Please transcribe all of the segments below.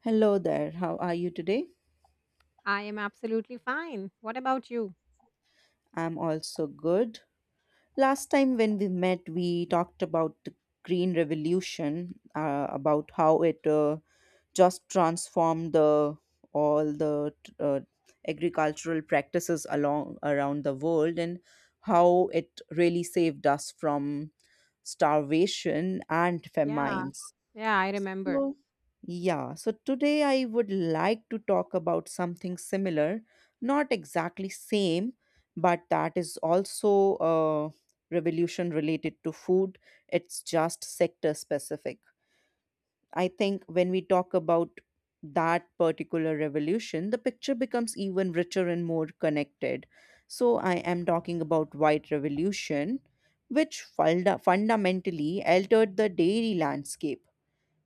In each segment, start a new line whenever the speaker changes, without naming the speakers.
Hello there, how are you today?
I am absolutely fine. What about you?
I'm also good. Last time when we met, we talked about the Green Revolution, about how it just transformed the all the agricultural practices along around the world and how it really saved us from starvation and
Yeah,
famines.
yeah, I remember.
So, yeah, so today I would like to talk about something similar, not exactly same, but that is also a revolution related to food. It's just sector specific. I think when we talk about that particular revolution, the picture becomes even richer and more connected. So I am talking about white revolution, which fundamentally altered the dairy landscape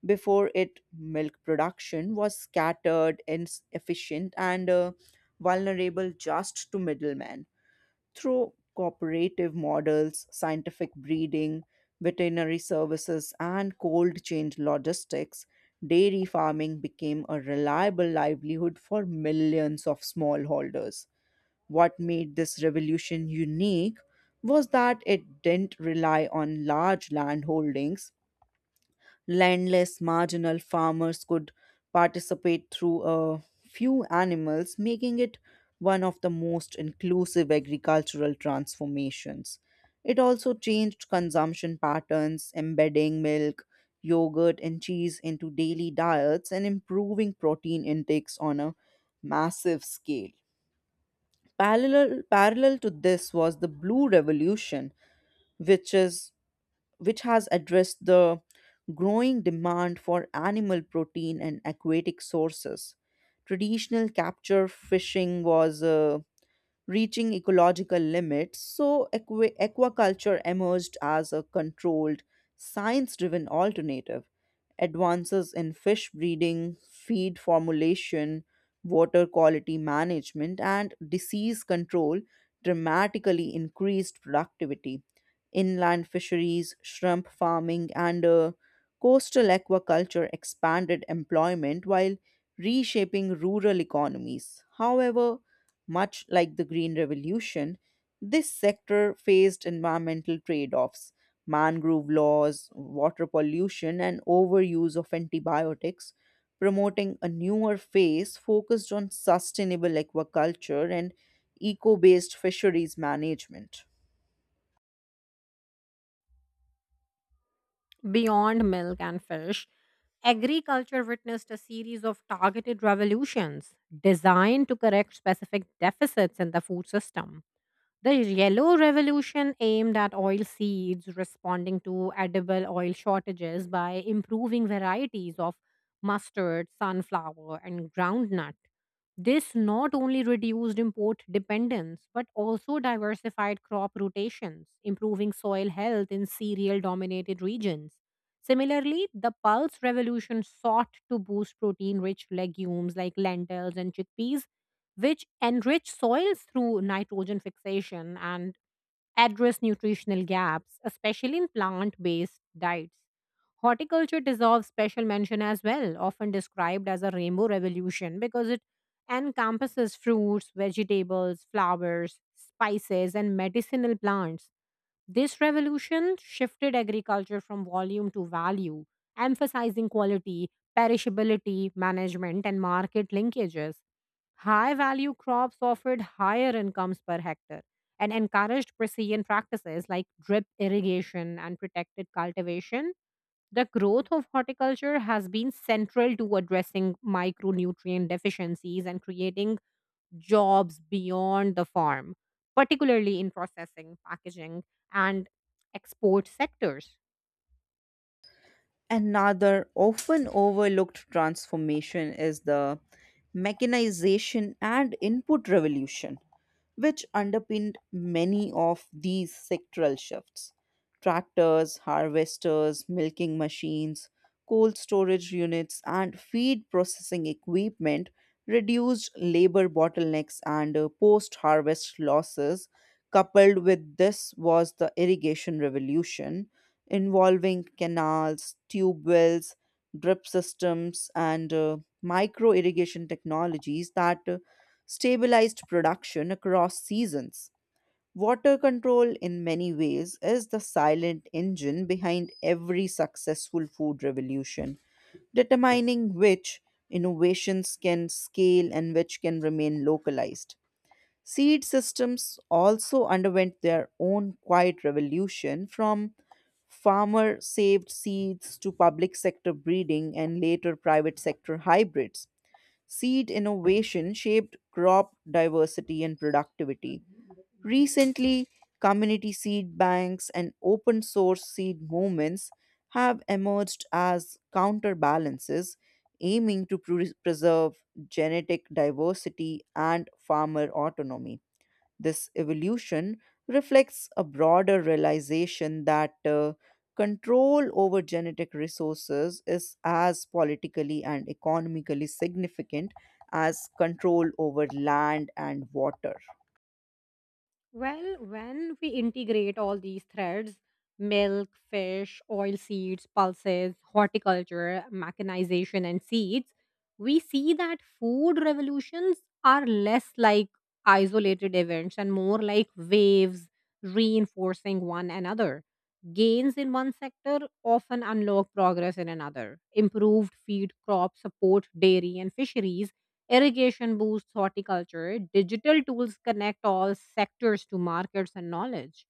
before it, milk production was scattered, inefficient, and vulnerable just to middlemen. Through cooperative models, scientific breeding, veterinary services, and cold chain logistics, dairy farming became a reliable livelihood for millions of smallholders. What made this revolution unique was that it didn't rely on large landholdings landless marginal farmers could participate through a few animals, making it one of the most inclusive agricultural transformations. It also changed consumption patterns, embedding milk, yogurt, and cheese into daily diets and improving protein intakes on a massive scale. Parallel to this was the Blue Revolution, which is which has addressed the growing demand for animal protein and aquatic sources. Traditional capture fishing was reaching ecological limits, so aquaculture emerged as a controlled, science driven alternative. Advances in fish breeding, feed formulation, water quality management, and disease control dramatically increased productivity. Inland fisheries, shrimp farming, and coastal aquaculture expanded employment while reshaping rural economies. However, much like the Green Revolution, this sector faced environmental trade offs. Mangrove laws, water pollution, and overuse of antibiotics, promoting a newer phase focused on sustainable aquaculture and eco based fisheries management.
Beyond milk and fish, agriculture witnessed a series of targeted revolutions designed to correct specific deficits in the food system. The Yellow Revolution aimed at oil seeds, responding to edible oil shortages by improving varieties of mustard, sunflower, and groundnut. This not only reduced import dependence, but also diversified crop rotations, improving soil health in cereal dominated regions. Similarly, the pulse revolution sought to boost protein rich legumes like lentils and chickpeas, which enrich soils through nitrogen fixation and address nutritional gaps, especially in plant based diets. Horticulture deserves special mention as well, often described as a rainbow revolution because it encompasses fruits, vegetables, flowers, spices, and medicinal plants. This revolution shifted agriculture from volume to value, emphasizing quality, perishability, management, and market linkages. High value crops offered higher incomes per hectare and encouraged precision practices like drip irrigation and protected cultivation. The growth of horticulture has been central to addressing micronutrient deficiencies and creating jobs beyond the farm, particularly in processing, packaging, and export sectors.
Another often overlooked transformation is the mechanization and input revolution, which underpinned many of these sectoral shifts. Tractors, harvesters, milking machines, cold storage units, and feed processing equipment reduced labor bottlenecks and post harvest losses. Coupled with this was the irrigation revolution involving canals, tube wells, drip systems, and micro irrigation technologies that stabilized production across seasons. Water control, in many ways, is the silent engine behind every successful food revolution, determining which innovations can scale and which can remain localized. Seed systems also underwent their own quiet revolution from farmer saved seeds to public sector breeding and later private sector hybrids seed innovation shaped crop diversity and productivity. Recently, community seed banks and open source seed movements have emerged as counterbalances, aiming to preserve genetic diversity and farmer autonomy. This evolution reflects a broader realization that control over genetic resources is as politically and economically significant as control over land and water.
Well, when we integrate all these threads: milk, fish, oil seeds, pulses, horticulture, mechanization, and seeds, we see that food revolutions are less like isolated events and more like waves reinforcing one another. Gains in one sector often unlock progress in another. Improved feed crops support dairy and fisheries. Irrigation boosts horticulture. Digital tools connect all sectors to markets and knowledge.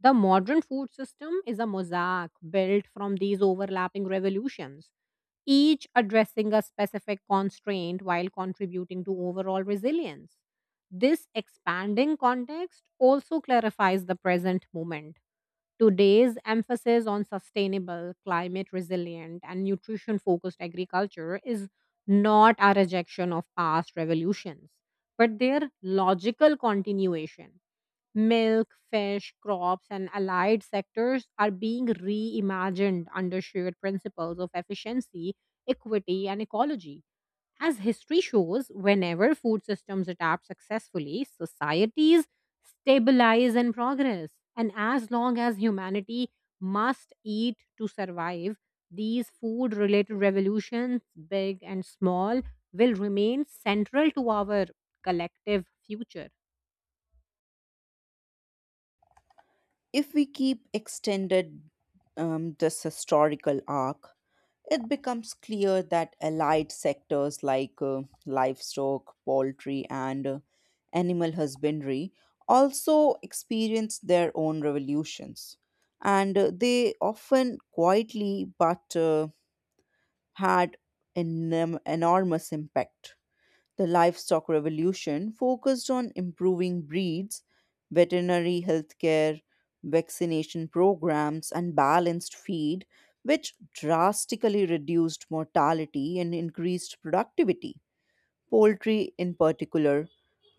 The modern food system is a mosaic built from these overlapping revolutions, each addressing a specific constraint while contributing to overall resilience. This expanding context also clarifies the present moment. Today's emphasis on sustainable, climate resilient, and nutrition focused agriculture is not a rejection of past revolutions, but their logical continuation. Milk, fish, crops, and allied sectors are being reimagined under shared principles of efficiency, equity, and ecology. As history shows, whenever food systems adapt successfully, societies stabilize and progress. And as long as humanity must eat to survive, these food related revolutions, big and small, will remain central to our collective future.
If we keep extended this historical arc, it becomes clear that allied sectors like livestock, poultry, and animal husbandry also experience their own revolutions. And they often quietly but had an enormous impact. The livestock revolution focused on improving breeds, veterinary healthcare, vaccination programs, and balanced feed, which drastically reduced mortality and increased productivity poultry in particular,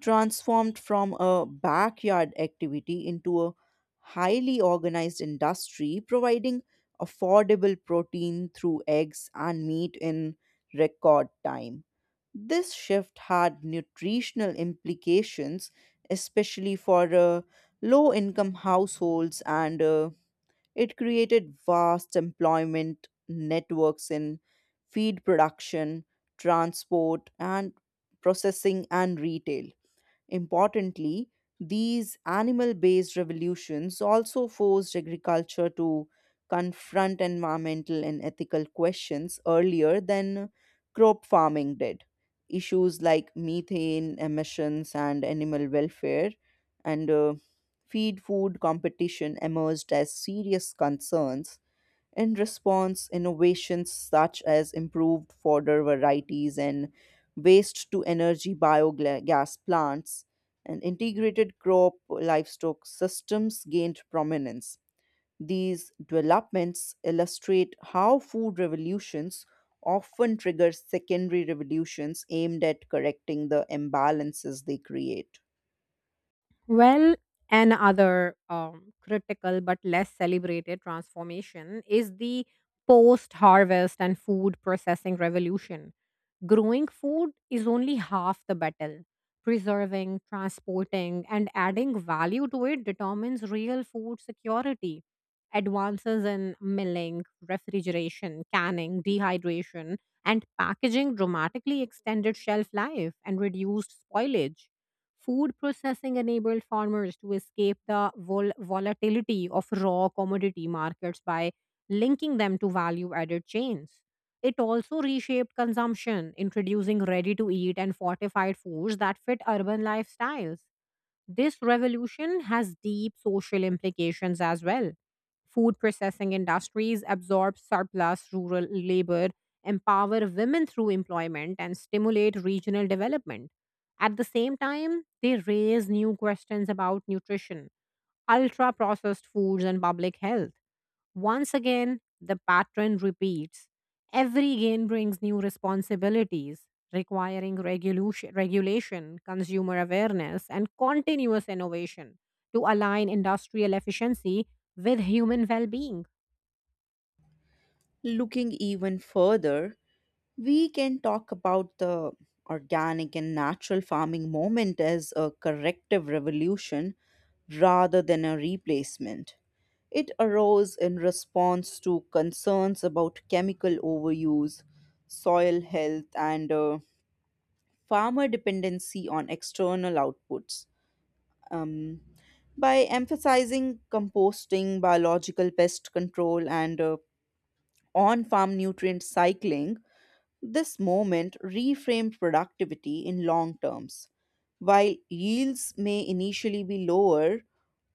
transformed from a backyard activity into a highly organized industry, providing affordable protein through eggs and meat in record time. This shift had nutritional implications, especially for low income households, and it created vast employment networks in feed production, transport, and processing and retail. Importantly, these animal based revolutions also forced agriculture to confront environmental and ethical questions earlier than crop farming did. Issues like methane emissions and animal welfare and feed food competition emerged as serious concerns in response, innovations such as improved fodder varieties and waste to energy biogas plants and integrated crop livestock systems gained prominence. These developments illustrate how food revolutions often trigger secondary revolutions aimed at correcting the imbalances they create.
Well, another critical but less celebrated transformation is the post harvest and food processing revolution. Growing food is only half the battle. Preserving, transporting, and adding value to it determines real food security. Advances in milling, refrigeration, canning, dehydration, and packaging dramatically extended shelf life and reduced spoilage. Food processing enabled farmers to escape the volatility of raw commodity markets by linking them to value added chains. It also reshaped consumption, introducing ready to eat and fortified foods that fit urban lifestyles. This revolution has deep social implications as well. Food processing industries absorb surplus rural labor, empower women through employment, and stimulate regional development. At the same time, they raise new questions about nutrition, ultra processed foods, and public health. Once again, the pattern repeats. Every gain brings new responsibilities, requiring regulation, consumer awareness, and continuous innovation to align industrial efficiency with human well being.
Looking even further, we can talk about the organic and natural farming movement as a corrective revolution rather than a replacement. It arose in response to concerns about chemical overuse, soil health, and farmer dependency on external outputs. Um, by emphasizing composting, biological pest control, and on farm nutrient cycling, this moment reframed productivity in long terms. While yields may initially be lower,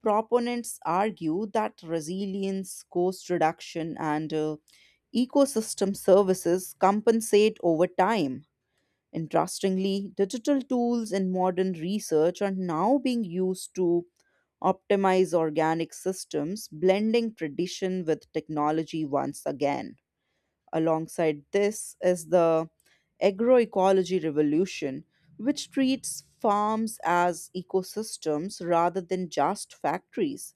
proponents argue that resilience, cost reduction, and ecosystem services compensate over time. Interestingly, digital tools in modern research are now being used to optimize organic systems, blending tradition with technology once again. Alongside this is the agroecology revolution, which treats farms as ecosystems rather than just factories.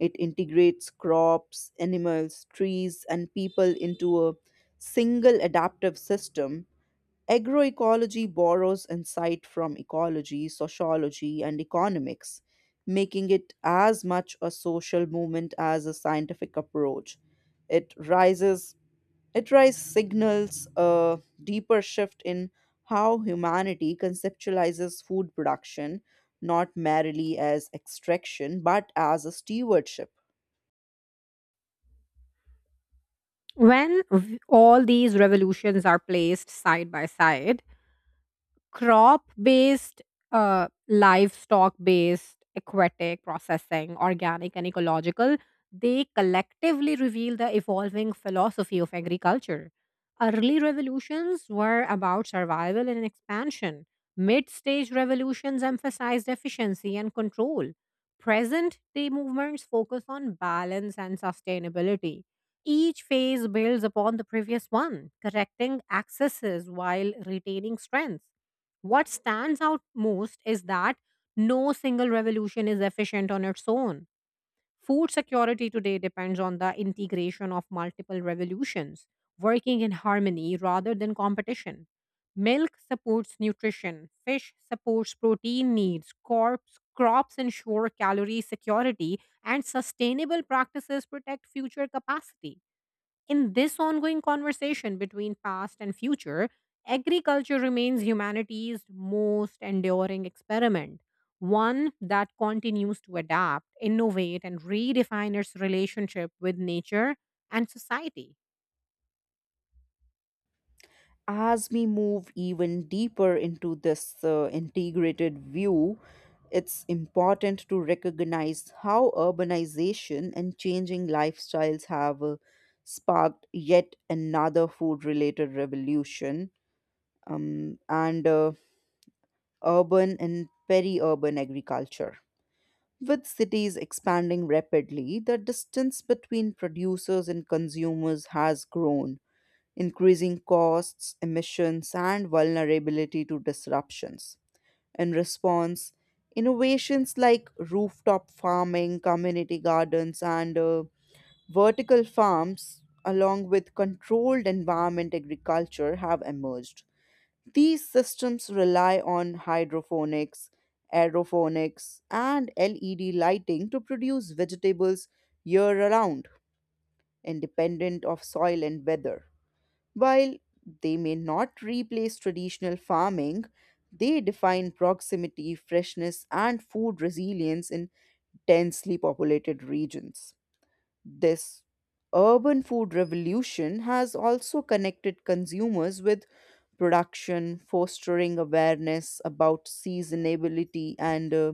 It integrates crops, animals, trees, and people into a single adaptive system. Agroecology borrows insight from ecology, sociology, and economics, making it as much a social movement as a scientific approach. It rises it rise signals a deeper shift in how humanity conceptualizes food production, not merely as extraction, but as a stewardship.
When all these revolutions are placed side by side, crop based, livestock based, aquatic processing, organic, and ecological, they collectively reveal the evolving philosophy of agriculture. Early revolutions were about survival and expansion. Mid stage revolutions emphasized efficiency and control. Present day movements focus on balance and sustainability. Each phase builds upon the previous one, correcting excesses while retaining strength. What stands out most is that no single revolution is efficient on its own. Food security today depends on the integration of multiple revolutions, working in harmony rather than competition. Milk supports nutrition, fish supports protein needs, crops ensure calorie security, and sustainable practices protect future capacity. In this ongoing conversation between past and future, agriculture remains humanity's most enduring experiment, one that continues to adapt, innovate, and redefine its relationship with nature and society.
As we move even deeper into this integrated view, it's important to recognize how urbanization and changing lifestyles have sparked yet another food related revolution. And urban and peri urban agriculture. With cities expanding rapidly, the distance between producers and consumers has grown, increasing costs, emissions, and vulnerability to disruptions. In response, innovations like rooftop farming, community gardens, and vertical farms, along with controlled environment agriculture, have emerged these systems rely on hydroponics, aeroponics, and LED lighting to produce vegetables year round, independent of soil and weather. While they may not replace traditional farming, they define proximity, freshness, and food resilience in densely populated regions. This urban food revolution has also connected consumers with production, fostering awareness about seasonability and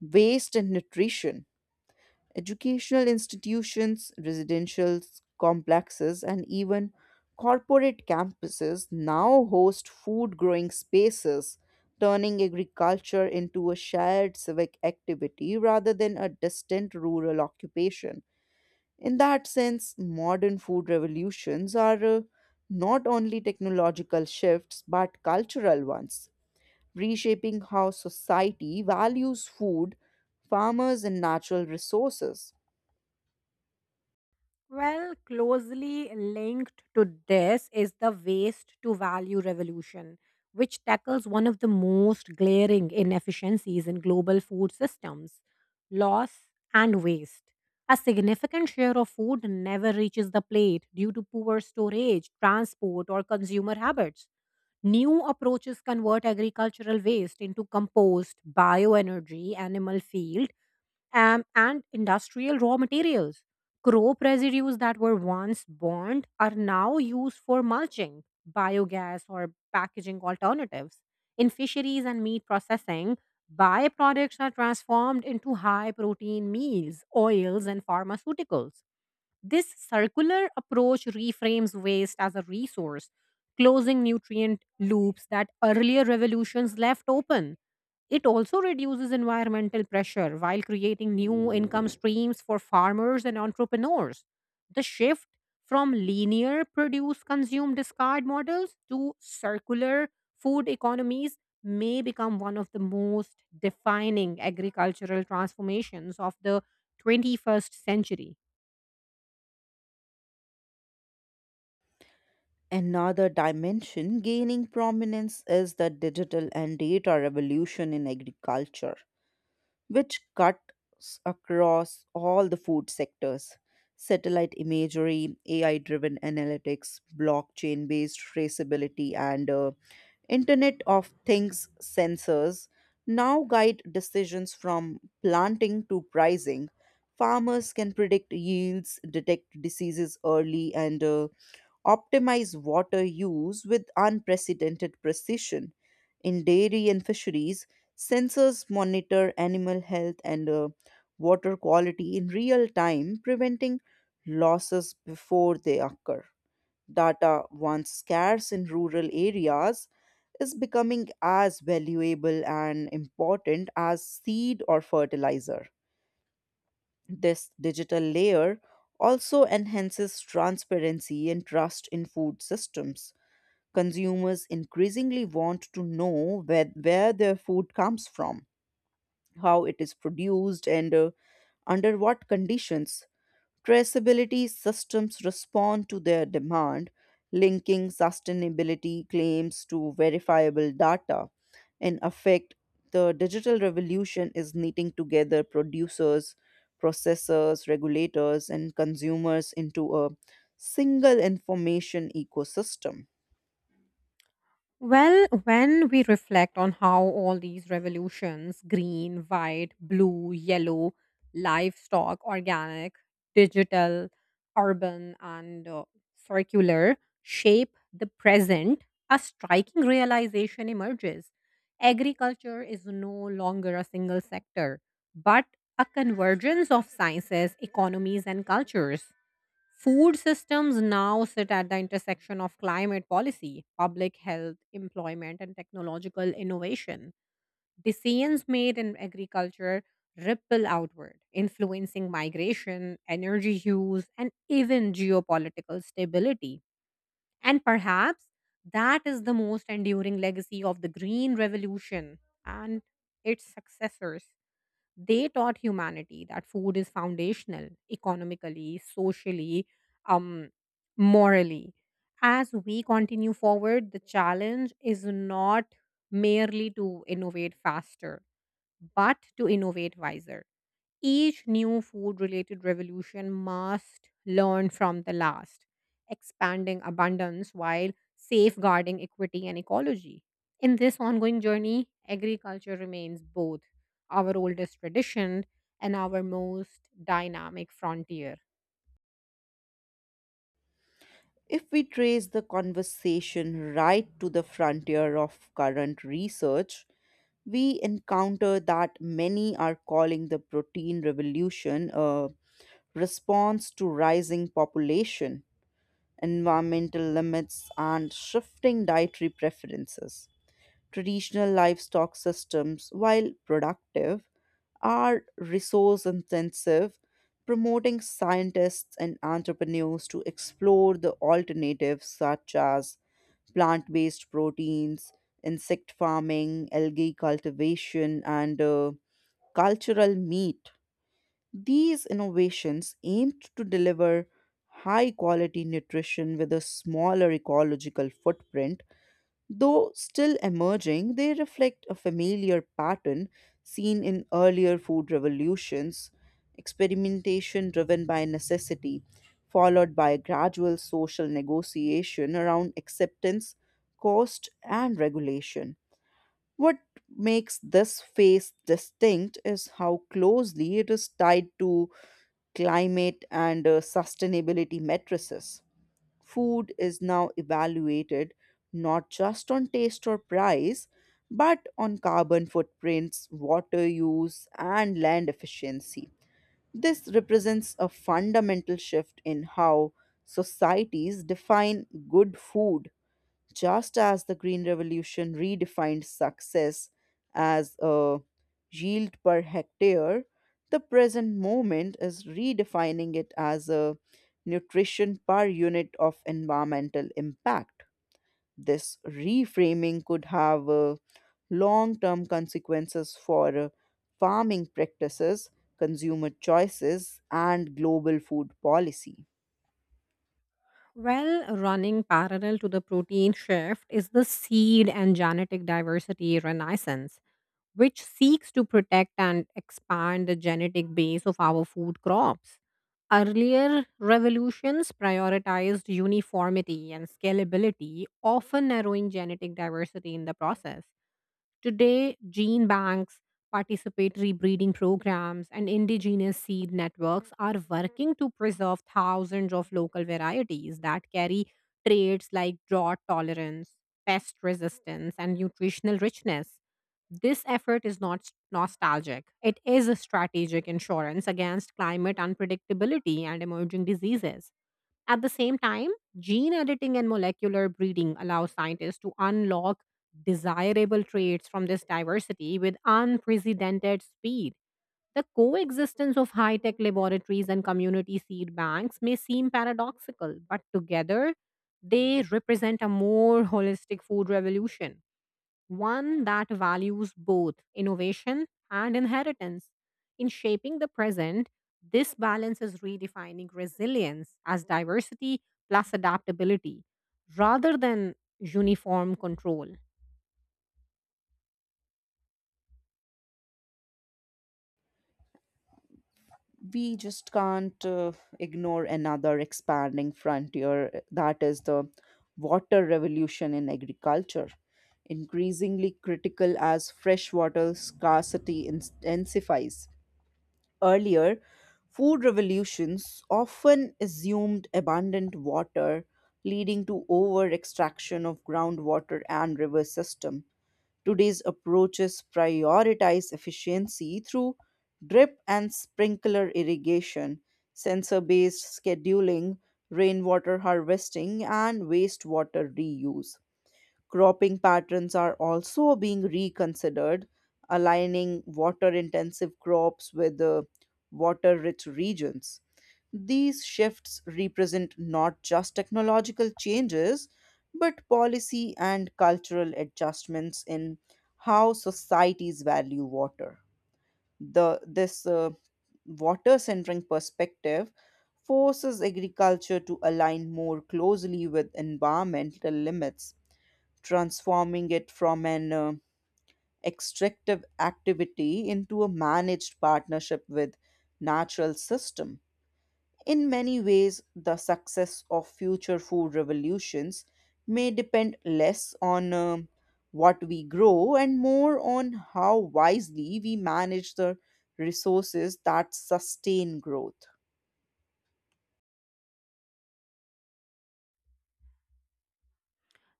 waste and nutrition. Educational institutions, residential complexes, and even corporate campuses now host food growing spaces, turning agriculture into a shared civic activity rather than a distant rural occupation. In that sense, modern food revolutions are not only technological shifts but cultural ones, reshaping how society values food, farmers, and natural resources.
Well, closely linked to this is the waste to value revolution, which tackles one of the most glaring inefficiencies in global food systems: loss and waste. A significant share of food never reaches the plate due to poor storage, transport, or consumer habits. New approaches convert agricultural waste into compost, bioenergy, animal feed, and industrial raw materials. Crop residues that were once burned are now used for mulching, biogas, or packaging alternatives. In fisheries and meat processing, byproducts are transformed into high protein meals, oils, and pharmaceuticals. This circular approach reframes waste as a resource, closing nutrient loops that earlier revolutions left open. It also reduces environmental pressure while creating new income streams for farmers and entrepreneurs. The shift from linear produce consume discard models to circular food economies may become one of the most defining agricultural transformations of the 21st century.
Another dimension gaining prominence is the digital and data revolution in agriculture, which cuts across all the food sectors. Satellite imagery, AI driven analytics, blockchain based traceability, and Internet of Things sensors now guide decisions from planting to pricing. Farmers can predict yields, detect diseases early, and optimize water use with unprecedented precision. In dairy and fisheries, sensors monitor animal health and water quality in real time, preventing losses before they occur. Data, once scarce in rural areas, is becoming as valuable and important as seed or fertilizer. This digital layer also enhances transparency and trust in food systems. Consumers increasingly want to know where their food comes from, how it is produced, and under what conditions. Traceability systems respond to their demand, linking sustainability claims to verifiable data. In effect, the digital revolution is knitting together producers, processors, regulators, and consumers into a single information ecosystem.
Well, when we reflect on how all these revolutions: green, white, blue, yellow, livestock, organic, digital, urban, and circular shape the present, a striking realization emerges. Agriculture is no longer a single sector, but a convergence of sciences, economies, and cultures. Food systems now sit at the intersection of climate policy, public health, employment, and technological innovation. Decisions made in agriculture ripple outward, influencing migration, energy use, and even geopolitical stability. And perhaps that is the most enduring legacy of the Green Revolution and its successors. They taught humanity that food is foundational economically, socially, um, morally. As we continue forward, the challenge is not merely to innovate faster, but to innovate wiser. Each new food related revolution must learn from the last, expanding abundance while safeguarding equity and ecology. In this ongoing journey, agriculture remains both our oldest tradition and our most dynamic frontier.
If we trace the conversation right to the frontier of current research, we encounter that many are calling the protein revolution a response to rising population, environmental limits, and shifting dietary preferences. Traditional livestock systems, while productive, are resource intensive, promoting scientists and entrepreneurs to explore the alternatives such as plant based proteins, insect farming, algae cultivation, and cultural meat. These innovations aimed to deliver high quality nutrition with a smaller ecological footprint though still emerging, they reflect a familiar pattern seen in earlier food revolutions experimentation driven by necessity, followed by a gradual social negotiation around acceptance, cost, and regulation. What makes this phase distinct is how closely it is tied to climate and sustainability matrices. Food is now evaluated not just on taste or price, but on carbon footprints, water use, and land efficiency. This represents a fundamental shift in how societies define good food just as the Green Revolution redefined success as a yield per hectare, the present moment is redefining it as a nutrition per unit of environmental impact. This reframing could have long term consequences for farming practices, consumer choices, and global food policy.
Well, running parallel to the protein shift is the seed and genetic diversity renaissance, which seeks to protect and expand the genetic base of our food crops. Earlier revolutions prioritized uniformity and scalability, often narrowing genetic diversity in the process. Today, gene banks, participatory breeding programs, and indigenous seed networks are working to preserve thousands of local varieties that carry traits like drought tolerance, pest resistance, and nutritional richness. This effort is not nostalgic. It is a strategic insurance against climate unpredictability and emerging diseases. At the same time, gene editing and molecular breeding allow scientists to unlock desirable traits from this diversity with unprecedented speed. The coexistence of high tech laboratories and community seed banks may seem paradoxical, but together they represent a more holistic food revolution, one that values both innovation and inheritance. In shaping the present, this balance is redefining resilience as diversity plus adaptability rather than uniform control.
We just can't ignore another expanding frontier that is the water revolution in agriculture increasingly critical as freshwater scarcity intensifies earlier food revolutions often assumed abundant water leading to over extraction of groundwater and river system. Today's approaches prioritize efficiency through drip and sprinkler irrigation, sensor based scheduling, rainwater harvesting, and wastewater reuse. Cropping patterns are also being reconsidered, aligning water intensive crops with water rich regions. These shifts represent not just technological changes, but policy and cultural adjustments in how societies value water. This water centric perspective forces agriculture to align more closely with environmental limits transforming it from an extractive activity into a managed partnership with natural system. In many ways, the success of future food revolutions may depend less on what we grow and more on how wisely we manage the resources that sustain growth.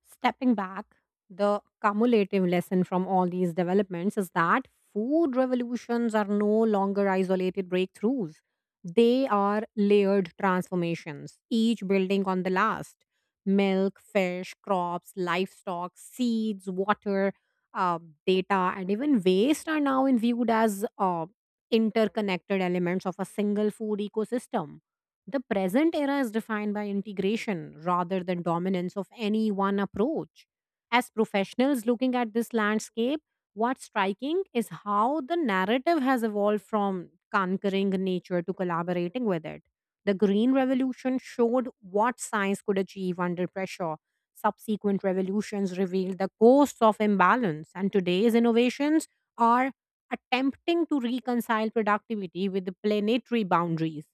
Stepping back, the cumulative lesson from all these developments is that food revolutions are no longer isolated breakthroughs. They are layered transformations, each building on the last. Milk, fish, crops, livestock, seeds, water, uh, data, and even waste are now viewed as interconnected elements of a single food ecosystem. The present era is defined by integration rather than dominance of any one approach. As professionals looking at this landscape, what's striking is how the narrative has evolved from conquering nature to collaborating with it. The Green Revolution showed what science could achieve under pressure. Subsequent revolutions revealed the costs of imbalance, and today's innovations are attempting to reconcile productivity with the planetary boundaries.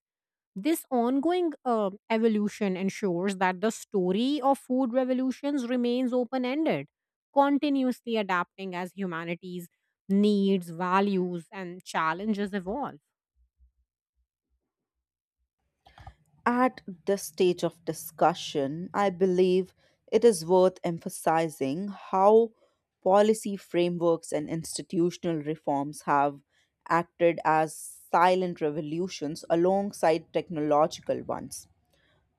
This ongoing evolution ensures that the story of food revolutions remains open ended, continuously adapting as humanity's needs, values, and challenges evolve.
At this stage of discussion, I believe it is worth emphasizing how policy frameworks and institutional reforms have acted as silent revolutions alongside technological ones.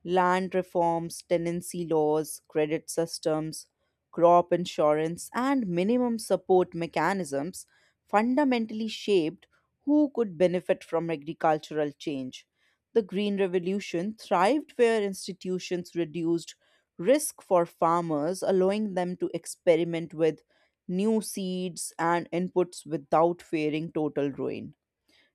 Land reforms, tenancy laws, credit systems, crop insurance, and minimum support mechanisms fundamentally shaped who could benefit from agricultural change. The Green Revolution thrived where institutions reduced risk for farmers, allowing them to experiment with new seeds and inputs without fearing total ruin.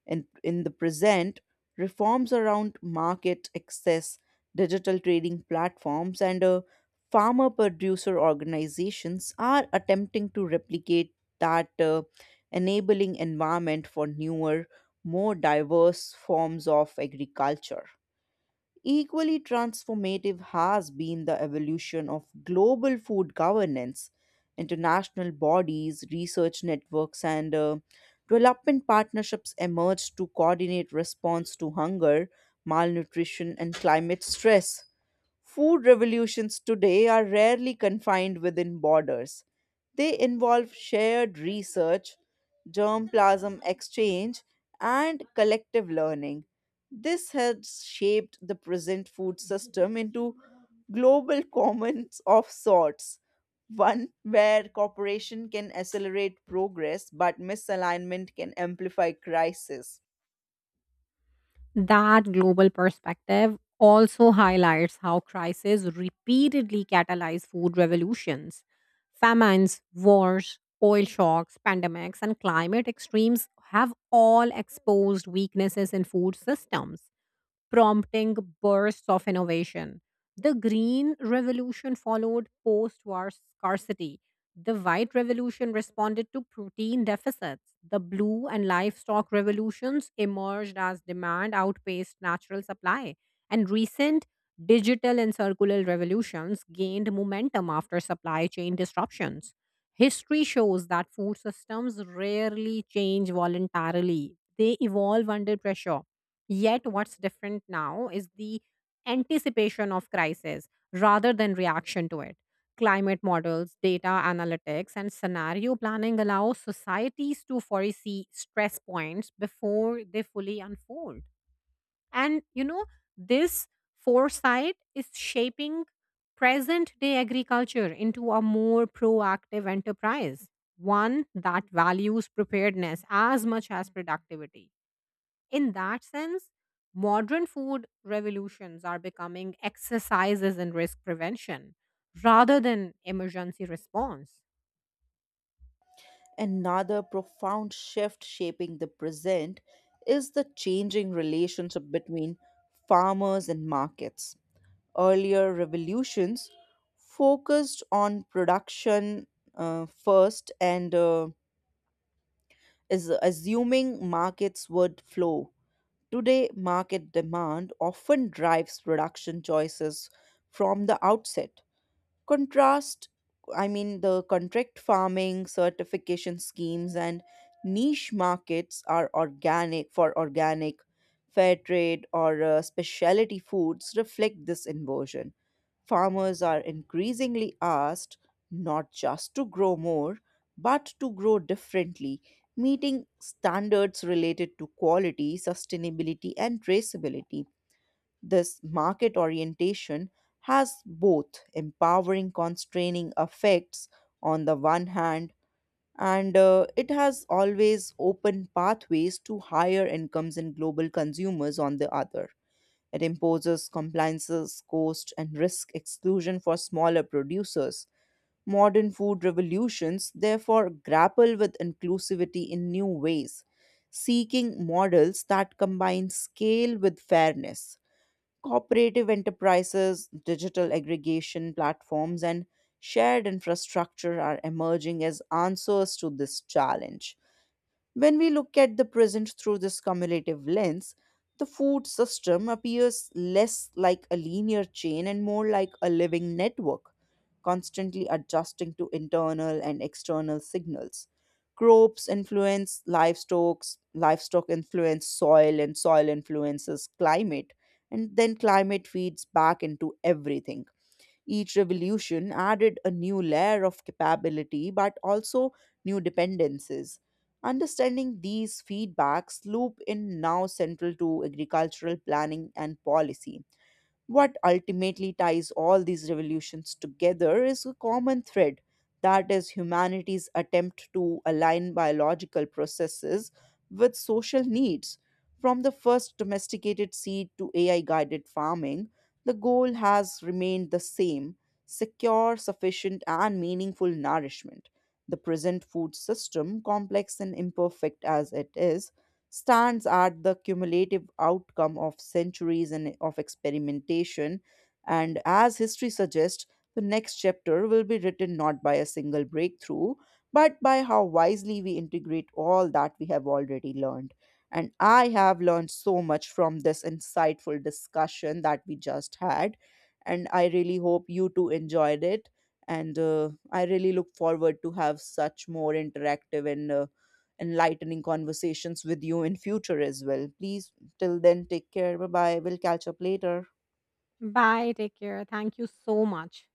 And in the present, reforms around market access, digital trading platforms, and farmer producer organizations are attempting to replicate that enabling environment for newer, more diverse forms of agriculture. Equally transformative has been the evolution of global food governance. International bodies, research networks, and development partnerships emerged to coordinate response to hunger, malnutrition, and climate stress. Food revolutions today are rarely confined within borders. They involve shared research, germplasm exchange, and collective learning. This has shaped the present food system into global commons of sorts, one where cooperation can accelerate progress but misalignment can amplify crisis.
That global perspective also highlights how crises repeatedly catalyze food revolutions. Famines, wars, oil shocks, pandemics, and climate extremes have all exposed weaknesses in food systems, prompting bursts of innovation. The Green Revolution followed post war scarcity. The White Revolution responded to protein deficits. The Blue and Livestock Revolutions emerged as demand outpaced natural supply. And recent digital and circular revolutions gained momentum after supply chain disruptions. History shows that food systems rarely change voluntarily, they evolve under pressure. Yet, what's different now is the anticipation of crisis rather than reaction to it. Climate models, data analytics, and scenario planning allow societies to foresee stress points before they fully unfold. And, this foresight is shaping present day agriculture into a more proactive enterprise, one that values preparedness as much as productivity. In that sense, modern food revolutions are becoming exercises in risk prevention rather than emergency response.
Another profound shift shaping the present is the changing relationship between farmers and markets. Earlier revolutions focused on production first and is assuming markets would flow. Today, market demand often drives production choices from the outset. Contrast, I mean, the contract farming, certification schemes, and niche markets are organic for organic, fair trade, or specialty foods reflect this inversion. Farmers are increasingly asked not just to grow more, but to grow differently, meeting standards related to quality, sustainability, and traceability. This market orientation has both empowering constraining effects. On the one hand, and it has always opened pathways to higher incomes and global consumers on the other. It imposes compliances, cost, and risk exclusion for smaller producers. Modern food revolutions therefore grapple with inclusivity in new ways, seeking models that combine scale with fairness. Cooperative enterprises, digital aggregation platforms, and shared infrastructure are emerging as answers to this challenge. When we look at the present through this cumulative lens, the food system appears less like a linear chain and more like a living network, constantly adjusting to internal and external signals. Crops influence livestock, livestock influence soil, and soil influences climate, and then climate feeds back into everything. Each revolution added a new layer of capability, but also new dependencies. Understanding these feedbacks loop in now central to agricultural planning and policy. What ultimately ties all these revolutions together is a common thread, that is, humanity's attempt to align biological processes with social needs. From the first domesticated seed to AI guided farming, the goal has remained the same: secure, sufficient, and meaningful nourishment. The present food system, complex and imperfect as it is, stands at the cumulative outcome of centuries and of experimentation. And as history suggests, the next chapter will be written not by a single breakthrough, but by how wisely we integrate all that we have already learned. And I have learned so much from this insightful discussion that we just had. And I really hope you too enjoyed it. And I really look forward to have such more interactive and enlightening conversations with you in future as well. Please, till then, take care. Bye bye, we'll catch up later.
Bye, take care. Thank you so much.